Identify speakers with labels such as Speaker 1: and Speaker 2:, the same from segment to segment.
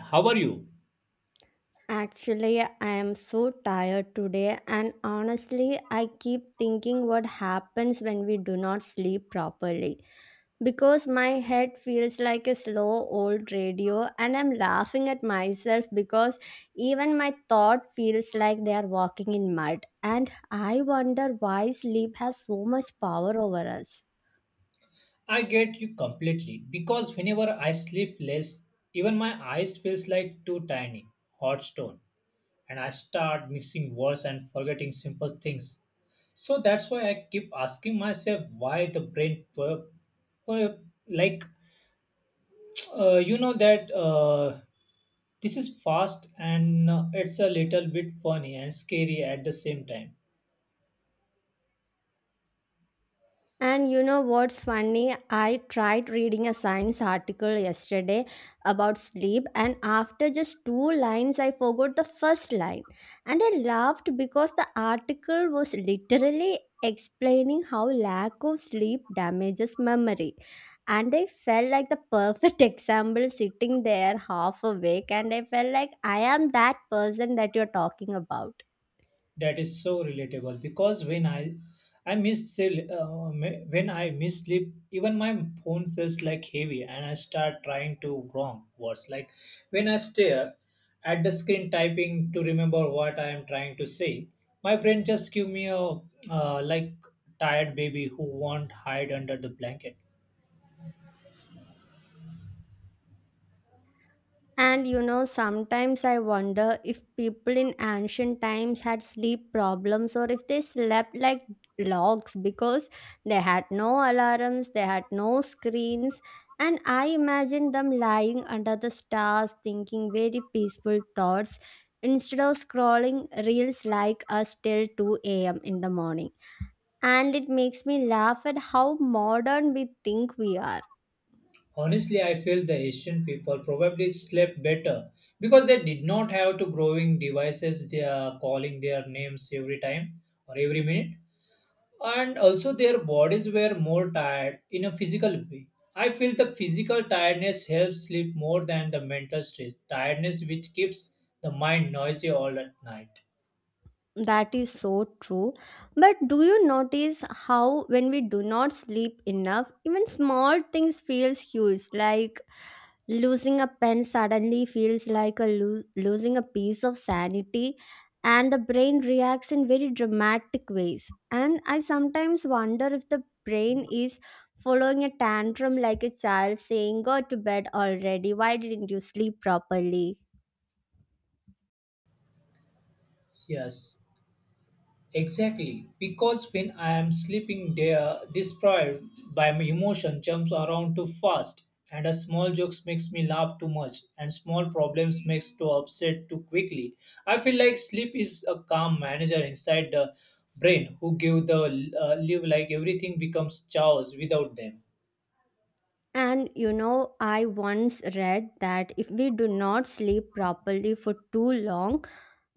Speaker 1: How are you?
Speaker 2: Actually, I am so tired today, and honestly, I keep thinking what happens when we do not sleep properly. Because my head feels like a slow old radio, and I'm laughing at myself because even my thought feels like they are walking in mud. And I wonder why sleep has so much power over us.
Speaker 1: I get you completely because whenever I sleep less, even my eyes feels like too tiny, hot stone, and I start mixing words and forgetting simple things. So that's why I keep asking myself why the brain, per, per, like you know that this is fast and it's a little bit funny and scary at the same time.
Speaker 2: And you know what's funny? I tried reading a science article yesterday about sleep, and after just two lines, I forgot the first line. And I laughed because the article was literally explaining how lack of sleep damages memory. And I felt like the perfect example sitting there half awake, and I felt like I am that person that you're talking about.
Speaker 1: That is so relatable because when I miss sleep even my phone feels like heavy and I start trying to wrong words like when I stare at the screen typing to remember what I am trying to say my brain just give me a uh, like tired baby who won't hide under the blanket.
Speaker 2: And you know, sometimes I wonder if people in ancient times had sleep problems or if they slept like logs because they had no alarms, they had no screens. And I imagine them lying under the stars thinking very peaceful thoughts instead of scrolling reels like us till 2 a.m. in the morning. And it makes me laugh at how modern we think we are.
Speaker 1: Honestly, I feel the Asian people probably slept better because they did not have to growing devices they are calling their names every time or every minute. And also their bodies were more tired in a physical way. I feel the physical tiredness helps sleep more than the mental stress, tiredness which keeps the mind noisy all at night.
Speaker 2: That is so true. But do you notice how, when we do not sleep enough, even small things feels huge? Like losing a pen suddenly feels like a losing a piece of sanity, and the brain reacts in very dramatic ways. And I sometimes wonder if the brain is following a tantrum like a child saying, "Go to bed already. Why didn't you sleep properly?"
Speaker 1: Yes. Exactly, because when I am sleeping there, destroyed by my emotion jumps around too fast, and a small jokes makes me laugh too much, and small problems makes to upset too quickly. I feel like sleep is a calm manager inside the brain who give the live like everything becomes chaos without them.
Speaker 2: And you know, I once read that if we do not sleep properly for too long,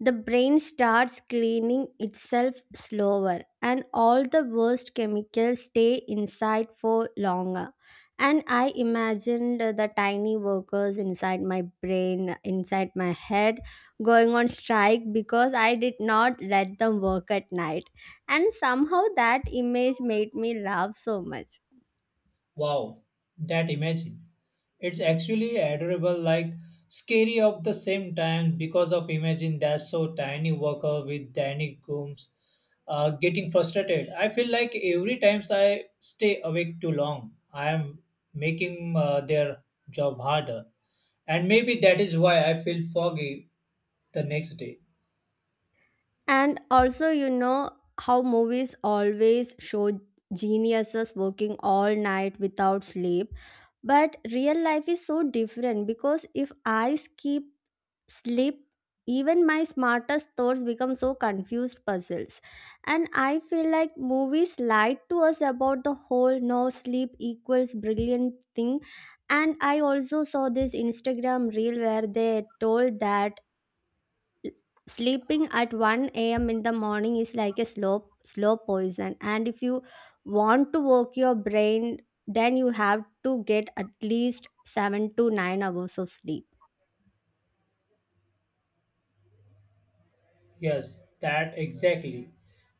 Speaker 2: the brain starts cleaning itself slower and all the worst chemicals stay inside for longer. And I imagined the tiny workers inside my brain, inside my head, going on strike because I did not let them work at night. And somehow that image made me laugh so much.
Speaker 1: Wow, that imagine. It's actually adorable, like scary at the same time because of imagine that's so tiny worker with tiny gooms getting frustrated. I feel like every times I stay awake too long, I am making their job harder. And maybe that is why I feel foggy the next day.
Speaker 2: And also, you know how movies always show geniuses working all night without sleep. But real life is so different because if I skip sleep, even my smartest thoughts become so confused puzzles. And I feel like movies lied to us about the whole no sleep equals brilliant thing. And I also saw this Instagram reel where they told that sleeping at 1 a.m. in the morning is like a slow poison, and if you want to work your brain, then you have to get at least 7 to 9 hours of sleep.
Speaker 1: Yes, that exactly.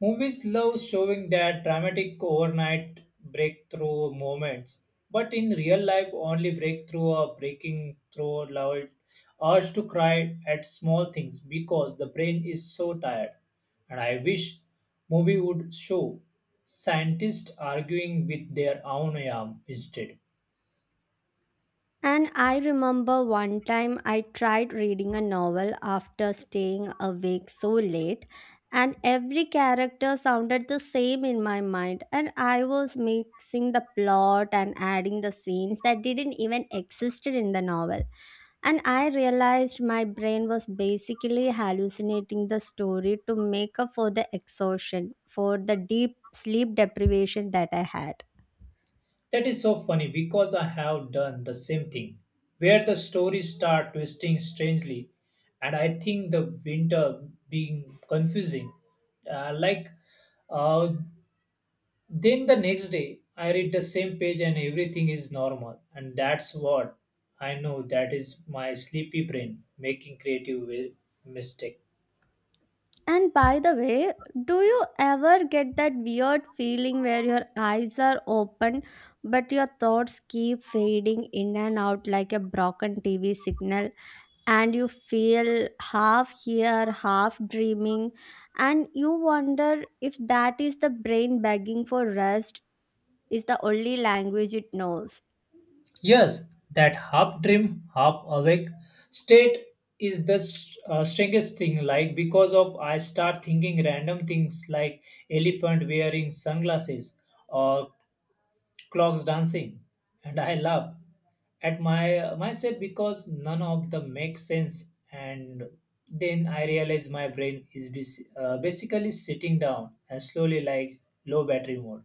Speaker 1: Movies love showing that dramatic overnight breakthrough moments, but in real life, only breakthrough or breaking through loud urge to cry at small things because the brain is so tired. And I wish movie would show scientists arguing with their own arm instead.
Speaker 2: And I remember one time I tried reading a novel after staying awake so late, and every character sounded the same in my mind, and I was mixing the plot and adding the scenes that didn't even exist in the novel. And I realized my brain was basically hallucinating the story to make up for the exhaustion, for the deep sleep deprivation that I had.
Speaker 1: That is so funny because I have done the same thing, where the stories start twisting strangely, and I think the winter being confusing. Uh, like, uh, then the next day I read the same page and everything is normal, and that's what I know. That is my sleepy brain making mistake.
Speaker 2: And by the way, do you ever get that weird feeling where your eyes are open but your thoughts keep fading in and out like a broken TV signal, and you feel half here, half dreaming, and you wonder if that is the brain begging for rest is the only language it knows?
Speaker 1: Yes, that half dream, half awake state is the strangest thing. Like because of I start thinking random things like elephant wearing sunglasses or clocks dancing, and I laugh at my myself because none of them make sense. And then I realize my brain is basically sitting down and slowly like low battery mode.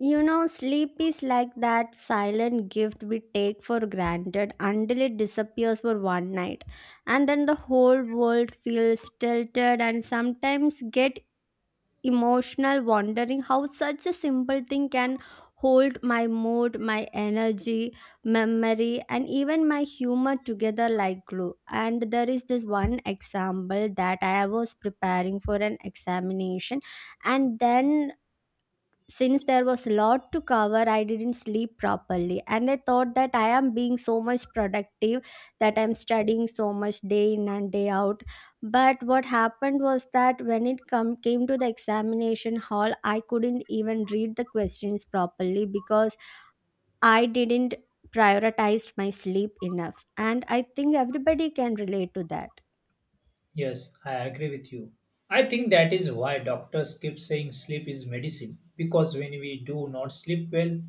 Speaker 2: You know, sleep is like that silent gift we take for granted until it disappears for one night. And then the whole world feels tilted and sometimes get emotional wondering how such a simple thing can hold my mood, my energy, memory and even my humor together like glue. And there is this one example that I was preparing for an examination, and then since there was a lot to cover, I didn't sleep properly, and I thought that I am being so much productive, that I'm studying so much day in and day out. But what happened was that when it come came to the examination hall, I couldn't even read the questions properly because I didn't prioritize my sleep enough, and I think everybody can relate to that.
Speaker 1: Yes, I agree with you. I think that is why doctors keep saying sleep is medicine because when we do not sleep well,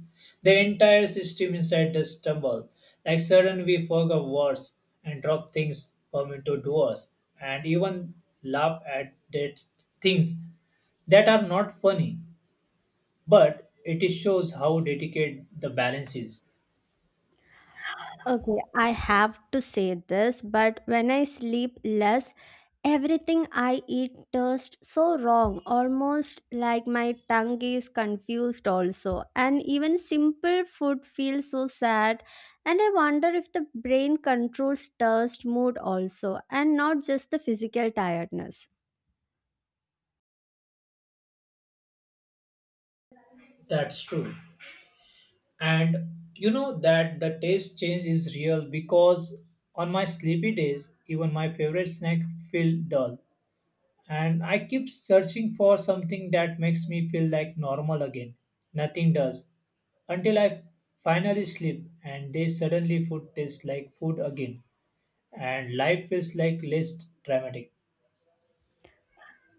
Speaker 1: the entire system inside us stumble. Like suddenly we forget words and drop things come into doors and even laugh at that things that are not funny. But it shows how delicate the balance is.
Speaker 2: Okay, I have to say this, but when I sleep less, everything I eat tastes so wrong, almost like my tongue is confused, also. And even simple food feels so sad. And I wonder if the brain controls taste mood also, and not just the physical tiredness.
Speaker 1: That's true. And you know that the taste change is real because on my sleepy days even my favorite snack feel dull and I keep searching for something that makes me feel like normal again. Nothing does until I finally sleep and they suddenly food tastes like food again and life feels like less dramatic.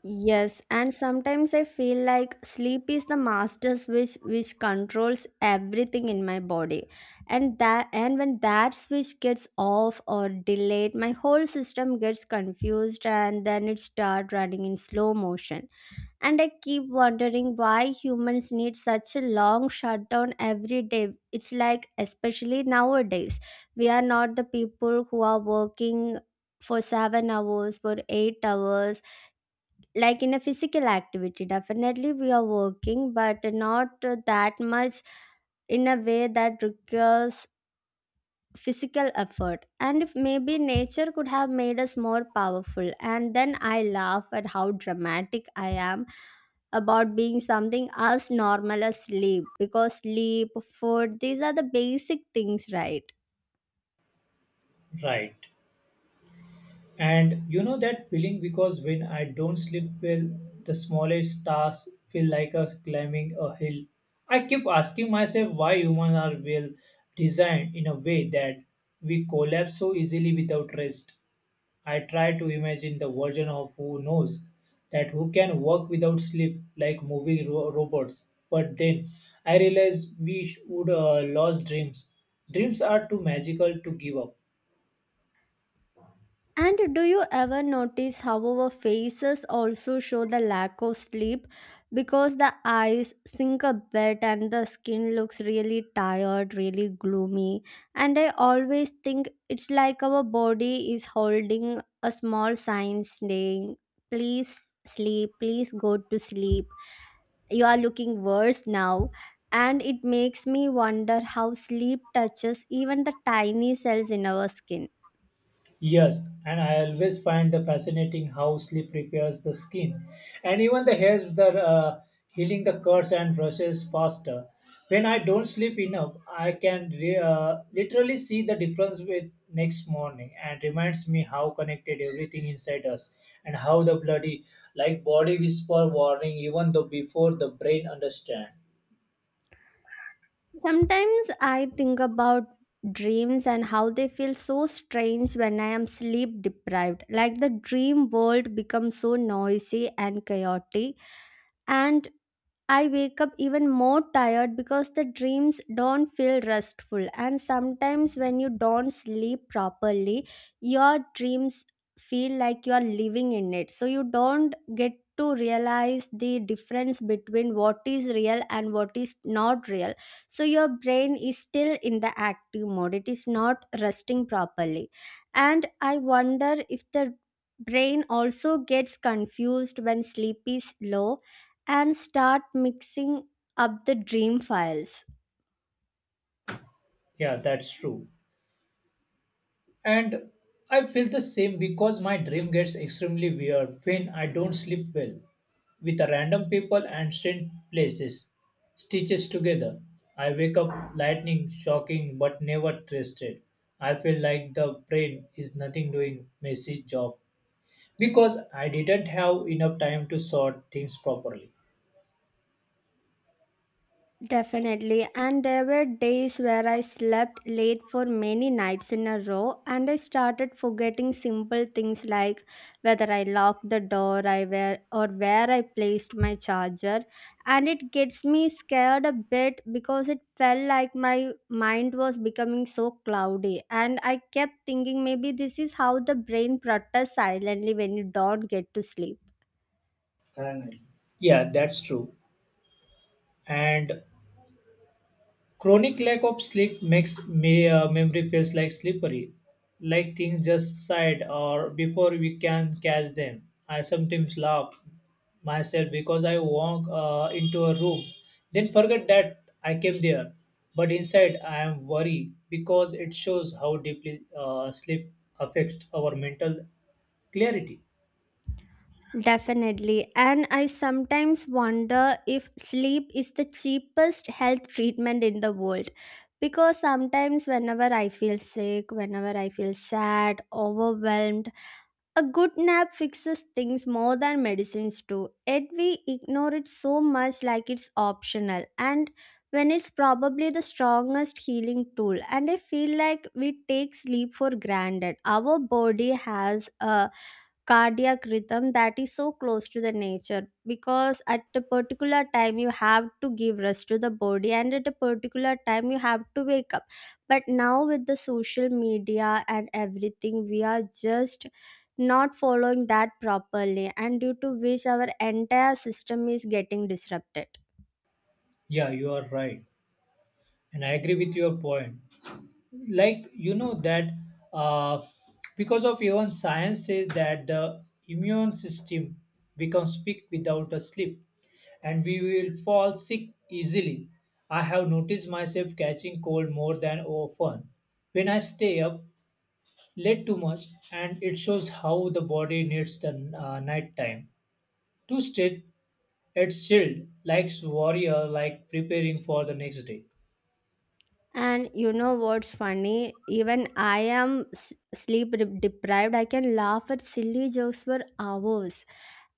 Speaker 2: Yes, and sometimes I feel like sleep is the master switch which controls everything in my body. And that, and when that switch gets off or delayed, my whole system gets confused and then it starts running in slow motion. And I keep wondering why humans need such a long shutdown every day. It's like, especially nowadays, we are not the people who are working for 7 hours, for 8 hours. Like, in a physical activity definitely we are working, but not that much in a way that requires physical effort. And if maybe nature could have made us more powerful, and then I laugh at how dramatic I am about being something as normal as sleep, because sleep, food, these are the basic things, right?
Speaker 1: Right. And you know that feeling because when I don't sleep well, the smallest tasks feel like us climbing a hill. I keep asking myself why humans are well designed in a way that we collapse so easily without rest. I try to imagine the version of who knows that who can work without sleep like moving robots. But then I realize we would lost dreams. Dreams are too magical to give up.
Speaker 2: And do you ever notice how our faces also show the lack of sleep because the eyes sink a bit and the skin looks really tired, really gloomy? And I always think it's like our body is holding a small sign saying, "Please sleep, please go to sleep. You are looking worse now." And it makes me wonder how sleep touches even the tiny cells in our skin.
Speaker 1: Yes, and I always find the fascinating how sleep repairs the skin and even the hair, the healing the cuts and brushes faster. When I don't sleep enough, I can literally see the difference with next morning and reminds me how connected everything inside us and how the bloody like body whisper warning even though before the brain understand.
Speaker 2: Sometimes I think about dreams and how they feel so strange when I am sleep deprived. Like the dream world becomes so noisy and chaotic, and I wake up even more tired because the dreams don't feel restful. And sometimes, when you don't sleep properly, your dreams feel like you are living in it. So, you don't get to realize the difference between what is real and what is not real. So, your brain is still in the active mode, it is not resting properly. And I wonder if the brain also gets confused when sleep is low and start mixing up the dream files.
Speaker 1: Yeah, that's true. And I feel the same because my dream gets extremely weird when I don't sleep well with a random people and strange places stitches together. I wake up lightning, shocking, but never trusted. I feel like the brain is nothing doing messy job because I didn't have enough time to sort things properly.
Speaker 2: Definitely. And there were days where I slept late for many nights in a row, and I started forgetting simple things like whether I locked the door I where or where I placed my charger. And it gets me scared a bit because it felt like my mind was becoming so cloudy. And I kept thinking maybe this is how the brain protests silently when you don't get to sleep.
Speaker 1: Finally. Yeah, that's true. And chronic lack of sleep makes me memory feels like slippery, like things just slide or before we can catch them. I sometimes laugh myself because I walk into a room, then forget that I came there. But inside, I am worried because it shows how deeply sleep affects our mental clarity.
Speaker 2: Definitely. And I sometimes wonder if sleep is the cheapest health treatment in the world. Because sometimes, whenever I feel sick, whenever I feel sad, overwhelmed, a good nap fixes things more than medicines do. Yet we ignore it so much like it's optional, and when it's probably the strongest healing tool. And I feel like we take sleep for granted. Our body has a cardiac rhythm that is so close to the nature, because at a particular time you have to give rest to the body and at a particular time you have to wake up. But now with the social media and everything, we are just not following that properly, and due to which our entire system is getting disrupted.
Speaker 1: Yeah, you are right, and I agree with your point. Like you know that uh, because of even science says that the immune system becomes weak without a sleep and we will fall sick easily. I have noticed myself catching cold more than often when I stay up late too much, and it shows how the body needs the night time to stay it's chilled like warrior like preparing for the next day.
Speaker 2: And you know what's funny? Even I am sleep deprived. I can laugh at silly jokes for hours,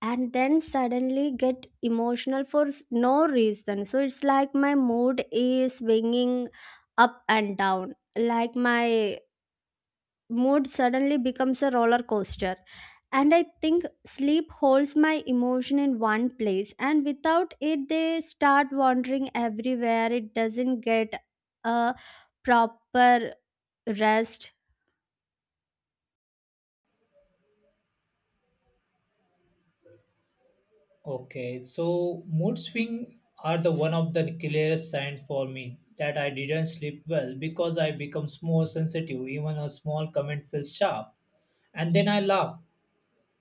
Speaker 2: and then suddenly get emotional for no reason. So it's like my mood is swinging up and down, like my mood suddenly becomes a roller coaster. And I think sleep holds my emotion in one place, and without it they start wandering everywhere. It doesn't get a proper rest.
Speaker 1: Okay, so mood swing are the one of the clearest sign for me that I didn't sleep well because I becomes more sensitive. Even a small comment feels sharp, and then I laugh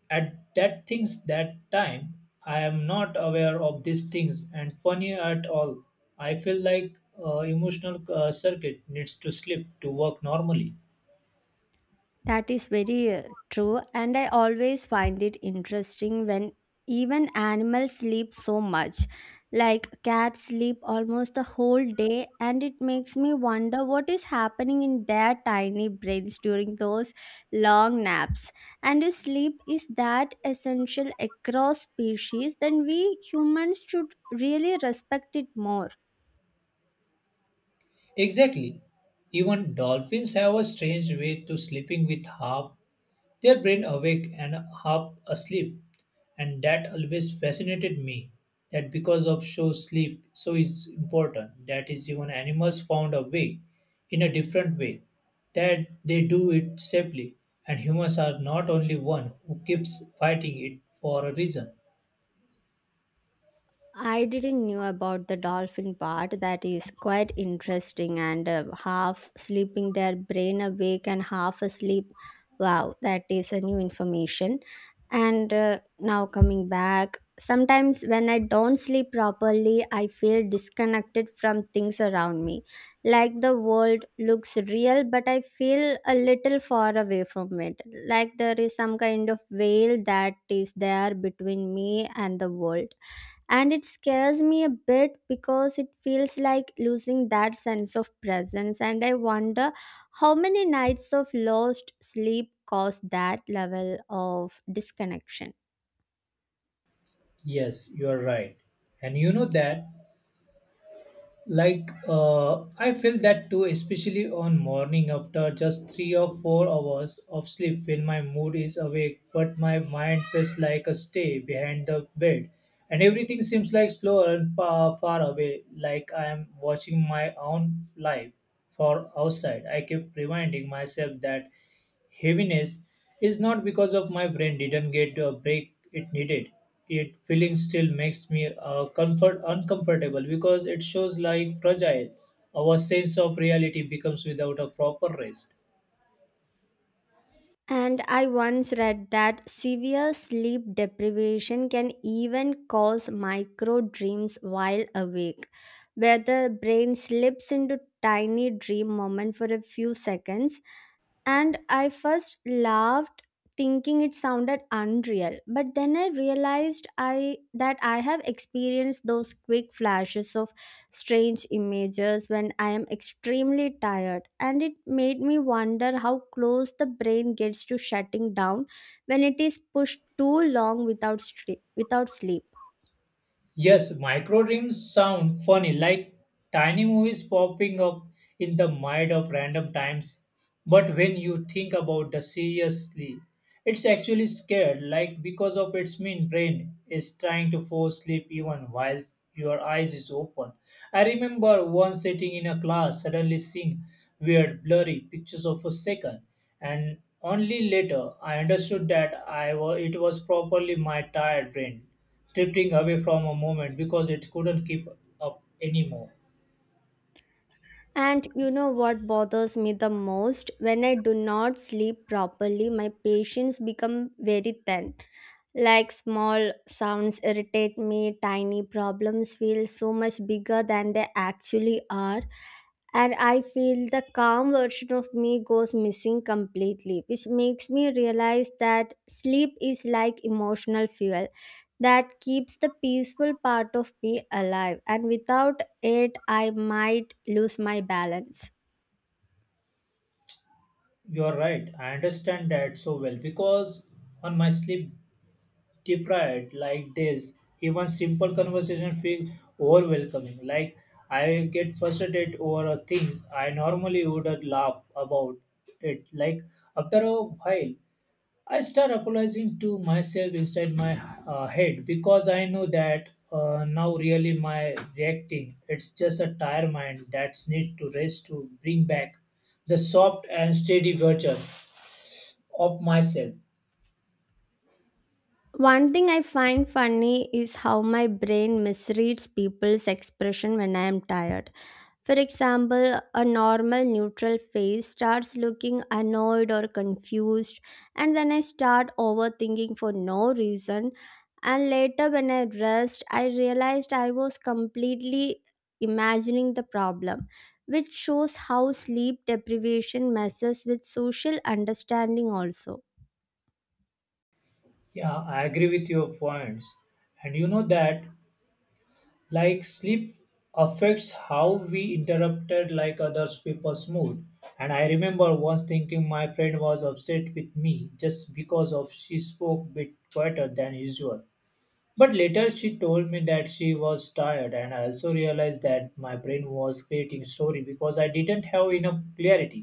Speaker 1: at that things that time. I am not aware of these things and funny at all. I feel like emotional circuit needs to sleep to work normally.
Speaker 2: That is very true, and I always find it interesting when even animals sleep so much. Like cats sleep almost the whole day, and it makes me wonder what is happening in their tiny brains during those long naps. And if sleep is that essential across species, then we humans should really respect it more.
Speaker 1: Exactly. Even dolphins have a strange way to sleeping with half their brain awake and half asleep. And that always fascinated me. That because of show sleep so is important. That is even animals found a way in a different way. That they do it safely. And humans are not only one who keeps fighting it for a reason.
Speaker 2: I didn't knew about the dolphin part. That is quite interesting. And half sleeping, their brain awake and half asleep. Wow, that is a new information. And now coming back, sometimes when I don't sleep properly, I feel disconnected from things around me. Like the world looks real, but I feel a little far away from it. Like there is some kind of veil that is there between me and the world, and it scares me a bit because it feels like losing that sense of presence. And I wonder how many nights of lost sleep cause that level of disconnection.
Speaker 1: Yes, you are right. And you know that like I feel that too especially on morning after just 3 or 4 hours of sleep when my mood is awake but my mind feels like a stay behind the bed, and everything seems like slower and far, far away like I am watching my own life for outside. I keep reminding myself that heaviness is not because of my brain didn't get a break it needed. It feeling still makes me comfort uncomfortable because it shows like fragile. Our sense of reality becomes without a proper rest.
Speaker 2: And I once read that severe sleep deprivation can even cause micro dreams while awake, where the brain slips into tiny dream moment for a few seconds, and I first laughed thinking it sounded unreal, but then I realized I that I have experienced those quick flashes of strange images when I am extremely tired, and it made me wonder how close the brain gets to shutting down when it is pushed too long without sleep.
Speaker 1: Yes, micro dreams sound funny, like tiny movies popping up in the mind of random times. But when you think about the seriously, it's actually scared, like because of its mean brain is trying to force sleep even while your eyes is open. I remember once sitting in a class, suddenly seeing weird, blurry pictures of a second, and only later I understood that it was properly my tired brain drifting away from a moment because it couldn't keep up anymore.
Speaker 2: And you know what bothers me the most? When I do not sleep properly, my patience become very thin. Like small sounds irritate me, tiny problems feel so much bigger than they actually are. And I feel the calm version of me goes missing completely, which makes me realize that sleep is like emotional fuel that keeps the peaceful part of me alive. And without it, I might lose my balance.
Speaker 1: You're right. I understand that so well because on my sleep deprived like days, even simple conversation feel overwhelming. Like I get frustrated over things I normally would laugh about it. Like after a while, I start apologizing to myself inside my head because I know that now really my reacting. It's just a tired mind that's need to rest to bring back the soft and steady version of myself.
Speaker 2: One thing I find funny is how my brain misreads people's expression when I am tired. For example, a normal neutral face starts looking annoyed or confused, and then I start overthinking for no reason. And later, when I rest, I realized I was completely imagining the problem, which shows how sleep deprivation messes with social understanding also.
Speaker 1: Yeah, I agree with your points. And you know that like sleep affects how we interrupted like others people's mood. And I remember once thinking my friend was upset with me just because of she spoke bit quieter than usual. But later she told me that she was tired, and I also realized that my brain was creating story because I didn't have enough clarity.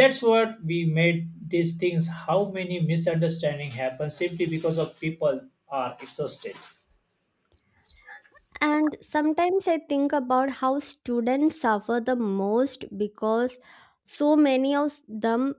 Speaker 1: That's what we made these things. How many misunderstanding happen simply because of people are exhausted.
Speaker 2: And sometimes I think about how students suffer the most because so many of them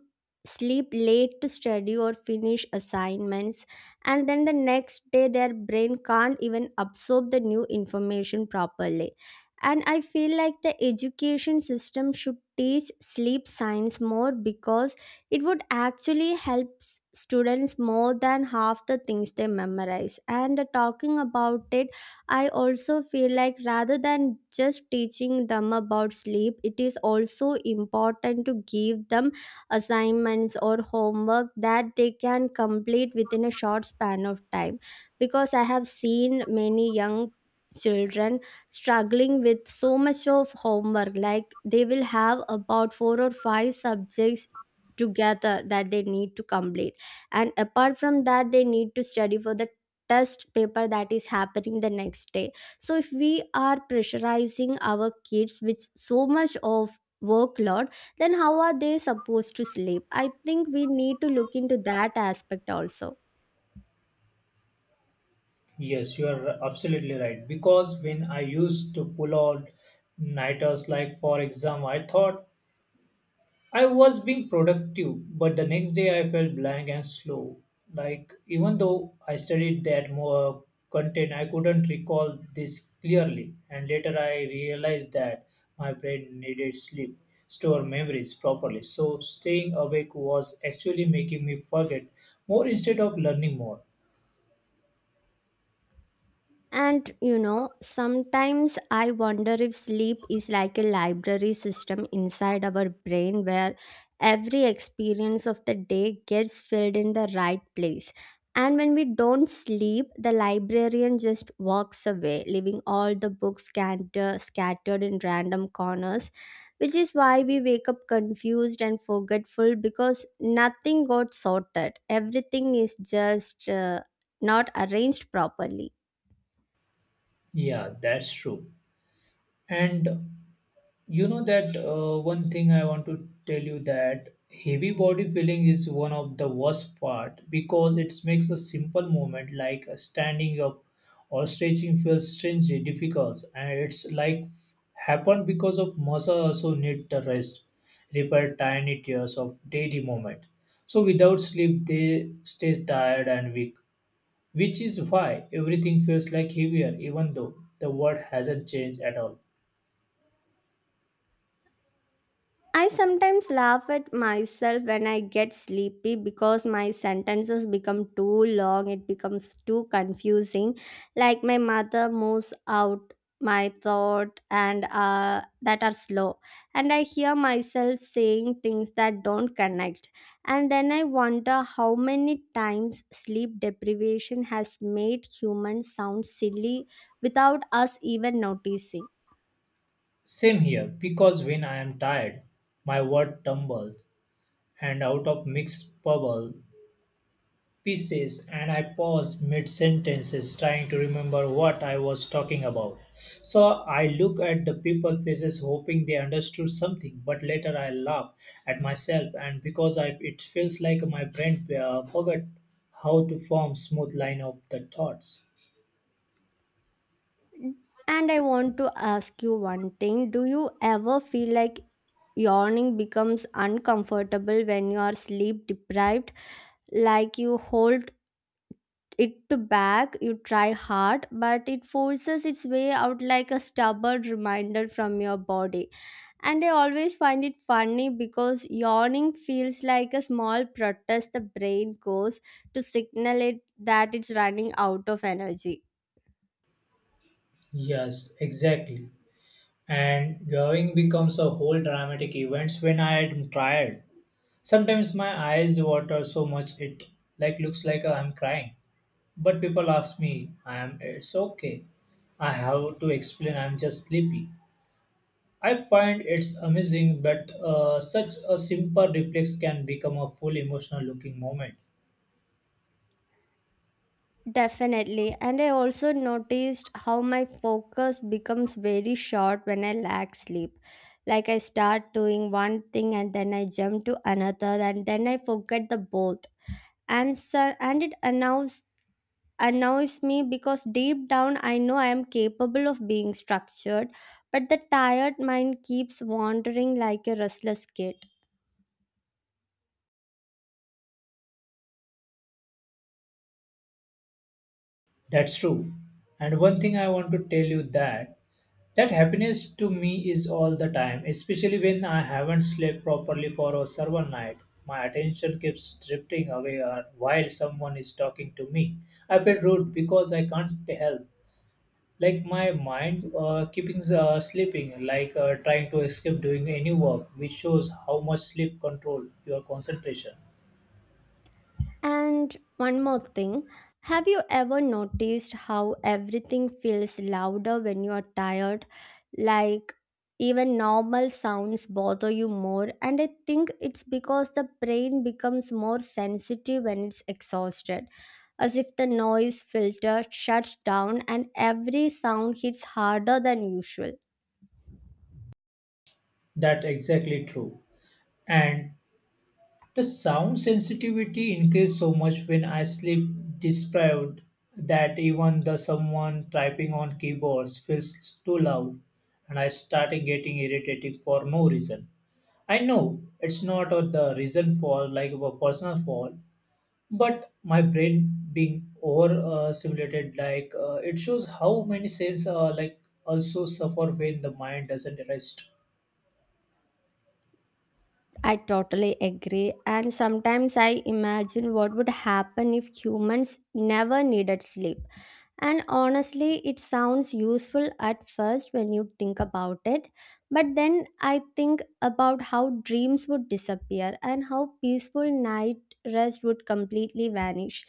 Speaker 2: sleep late to study or finish assignments, and then the next day their brain can't even absorb the new information properly. And I feel like the education system should teach sleep science more because it would actually help students more than half the things they memorize. And talking about it, I also feel like rather than just teaching them about sleep, it is also important to give them assignments or homework that they can complete within a short span of time. Because I have seen many young children struggling with so much of homework, like they will have about four or five subjects together that they need to complete, and apart from that they need to study for the test paper that is happening the next day. So if we are pressurizing our kids with so much of workload, then how are they supposed to sleep? I think we need to look into that aspect also.
Speaker 1: Yes, you are absolutely right. Because when I used to pull out nighters, like for example, I thought I was being productive, but the next day I felt blank and slow. Like, even though I studied that more content, I couldn't recall this clearly. And later I realized that my brain needed sleep, store memories properly. So, staying awake was actually making me forget more instead of learning more.
Speaker 2: And you know, sometimes I wonder if sleep is like a library system inside our brain where every experience of the day gets filled in the right place. And when we don't sleep, the librarian just walks away, leaving all the books scattered in random corners, which is why we wake up confused and forgetful because nothing got sorted. Everything is just not arranged properly.
Speaker 1: Yeah, that's true. And you know that one thing I want to tell you that heavy body feelings is one of the worst part because it makes a simple movement like standing up or stretching feels strangely difficult, and it's like happened because of muscle also need the rest repair tiny tears of daily movement. So without sleep they stay tired and weak, which is why everything feels like heavier even though the world hasn't changed at all.
Speaker 2: I sometimes laugh at myself when I get sleepy because my sentences become too long, it becomes too confusing. Like my mother moves out my thought, and that are slow, and I hear myself saying things that don't connect, and then I wonder how many times sleep deprivation has made humans sound silly without us even noticing.
Speaker 1: Same here, because when I am tired, my word tumbles, and out of mixed bubble pieces, and I pause mid sentences trying to remember what I was talking about. So I look at the people faces, hoping they understood something, but later I laugh at myself, and because I, it feels like my brain forgot how to form smooth line of the thoughts.
Speaker 2: And I want to ask you one thing. Do you ever feel like yawning becomes uncomfortable when you are sleep deprived? Like you hold it to back, you try hard, but it forces its way out like a stubborn reminder from your body. And I always find it funny because yawning feels like a small protest the brain goes to signal it that it's running out of energy.
Speaker 1: Yes, exactly. And drawing becomes a whole dramatic events when I am tired. Sometimes my eyes water so much it like looks like I'm crying. But people ask me, I am it's okay. I have to explain I'm just sleepy. I find it's amazing but such a simple reflex can become a full emotional looking moment.
Speaker 2: Definitely. And I also noticed how my focus becomes very short when I lack sleep. Like I start doing one thing and then I jump to another and then I forget the both. And so, and it annoys me because deep down I know I am capable of being structured, but the tired mind keeps wandering like a restless kid.
Speaker 1: That's true. And one thing I want to tell you that that happiness to me is all the time, especially when I haven't slept properly for a several night. My attention keeps drifting away while someone is talking to me. I feel rude because I can't help. Like my mind keeping sleeping, like trying to escape doing any work, which shows how much sleep control your concentration.
Speaker 2: And one more thing, have you ever noticed how everything feels louder when you are tired? Like even normal sounds bother you more, and I think it's because the brain becomes more sensitive when it's exhausted, as if the noise filter shuts down and every sound hits harder than usual.
Speaker 1: That exactly true. And the sound sensitivity increased so much when I sleep deprived that even the someone typing on keyboards feels too loud and I started getting irritated for no reason. I know it's not the reason for like a personal fault, but my brain being over simulated like it shows how many cells like also suffer when the mind doesn't rest.
Speaker 2: I totally agree, and sometimes I imagine what would happen if humans never needed sleep. And honestly, it sounds useful at first when you think about it. But then I think about how dreams would disappear and how peaceful night rest would completely vanish.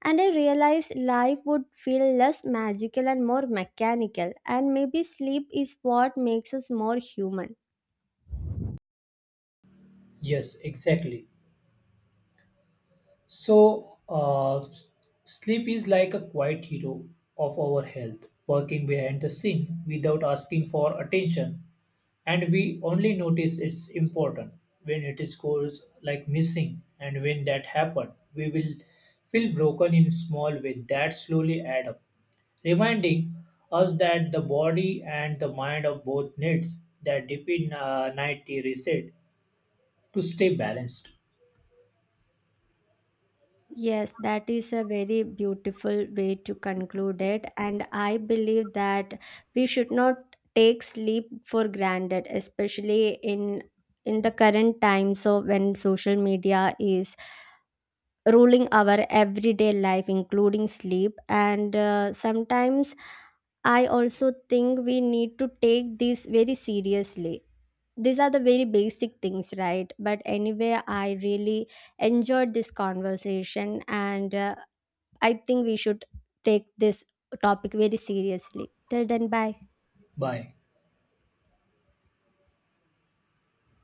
Speaker 2: And I realized life would feel less magical and more mechanical. And maybe sleep is what makes us more human.
Speaker 1: Yes, exactly. So, sleep is like a quiet hero of our health, working behind the scene without asking for attention, and we only notice it's important when it is goes like missing, and when that happens, we will feel broken in small way that slowly add up, reminding us that the body and the mind of both needs that deep in night reset to stay balanced.
Speaker 2: Yes, that is a very beautiful way to conclude it. And I believe that we should not take sleep for granted, especially in the current time. So when social media is ruling our everyday life, including sleep, and sometimes I also think we need to take this very seriously, these are the very basic things, right? But anyway, I really enjoyed this conversation, and I think we should take this topic very seriously. Till then, bye.
Speaker 1: Bye.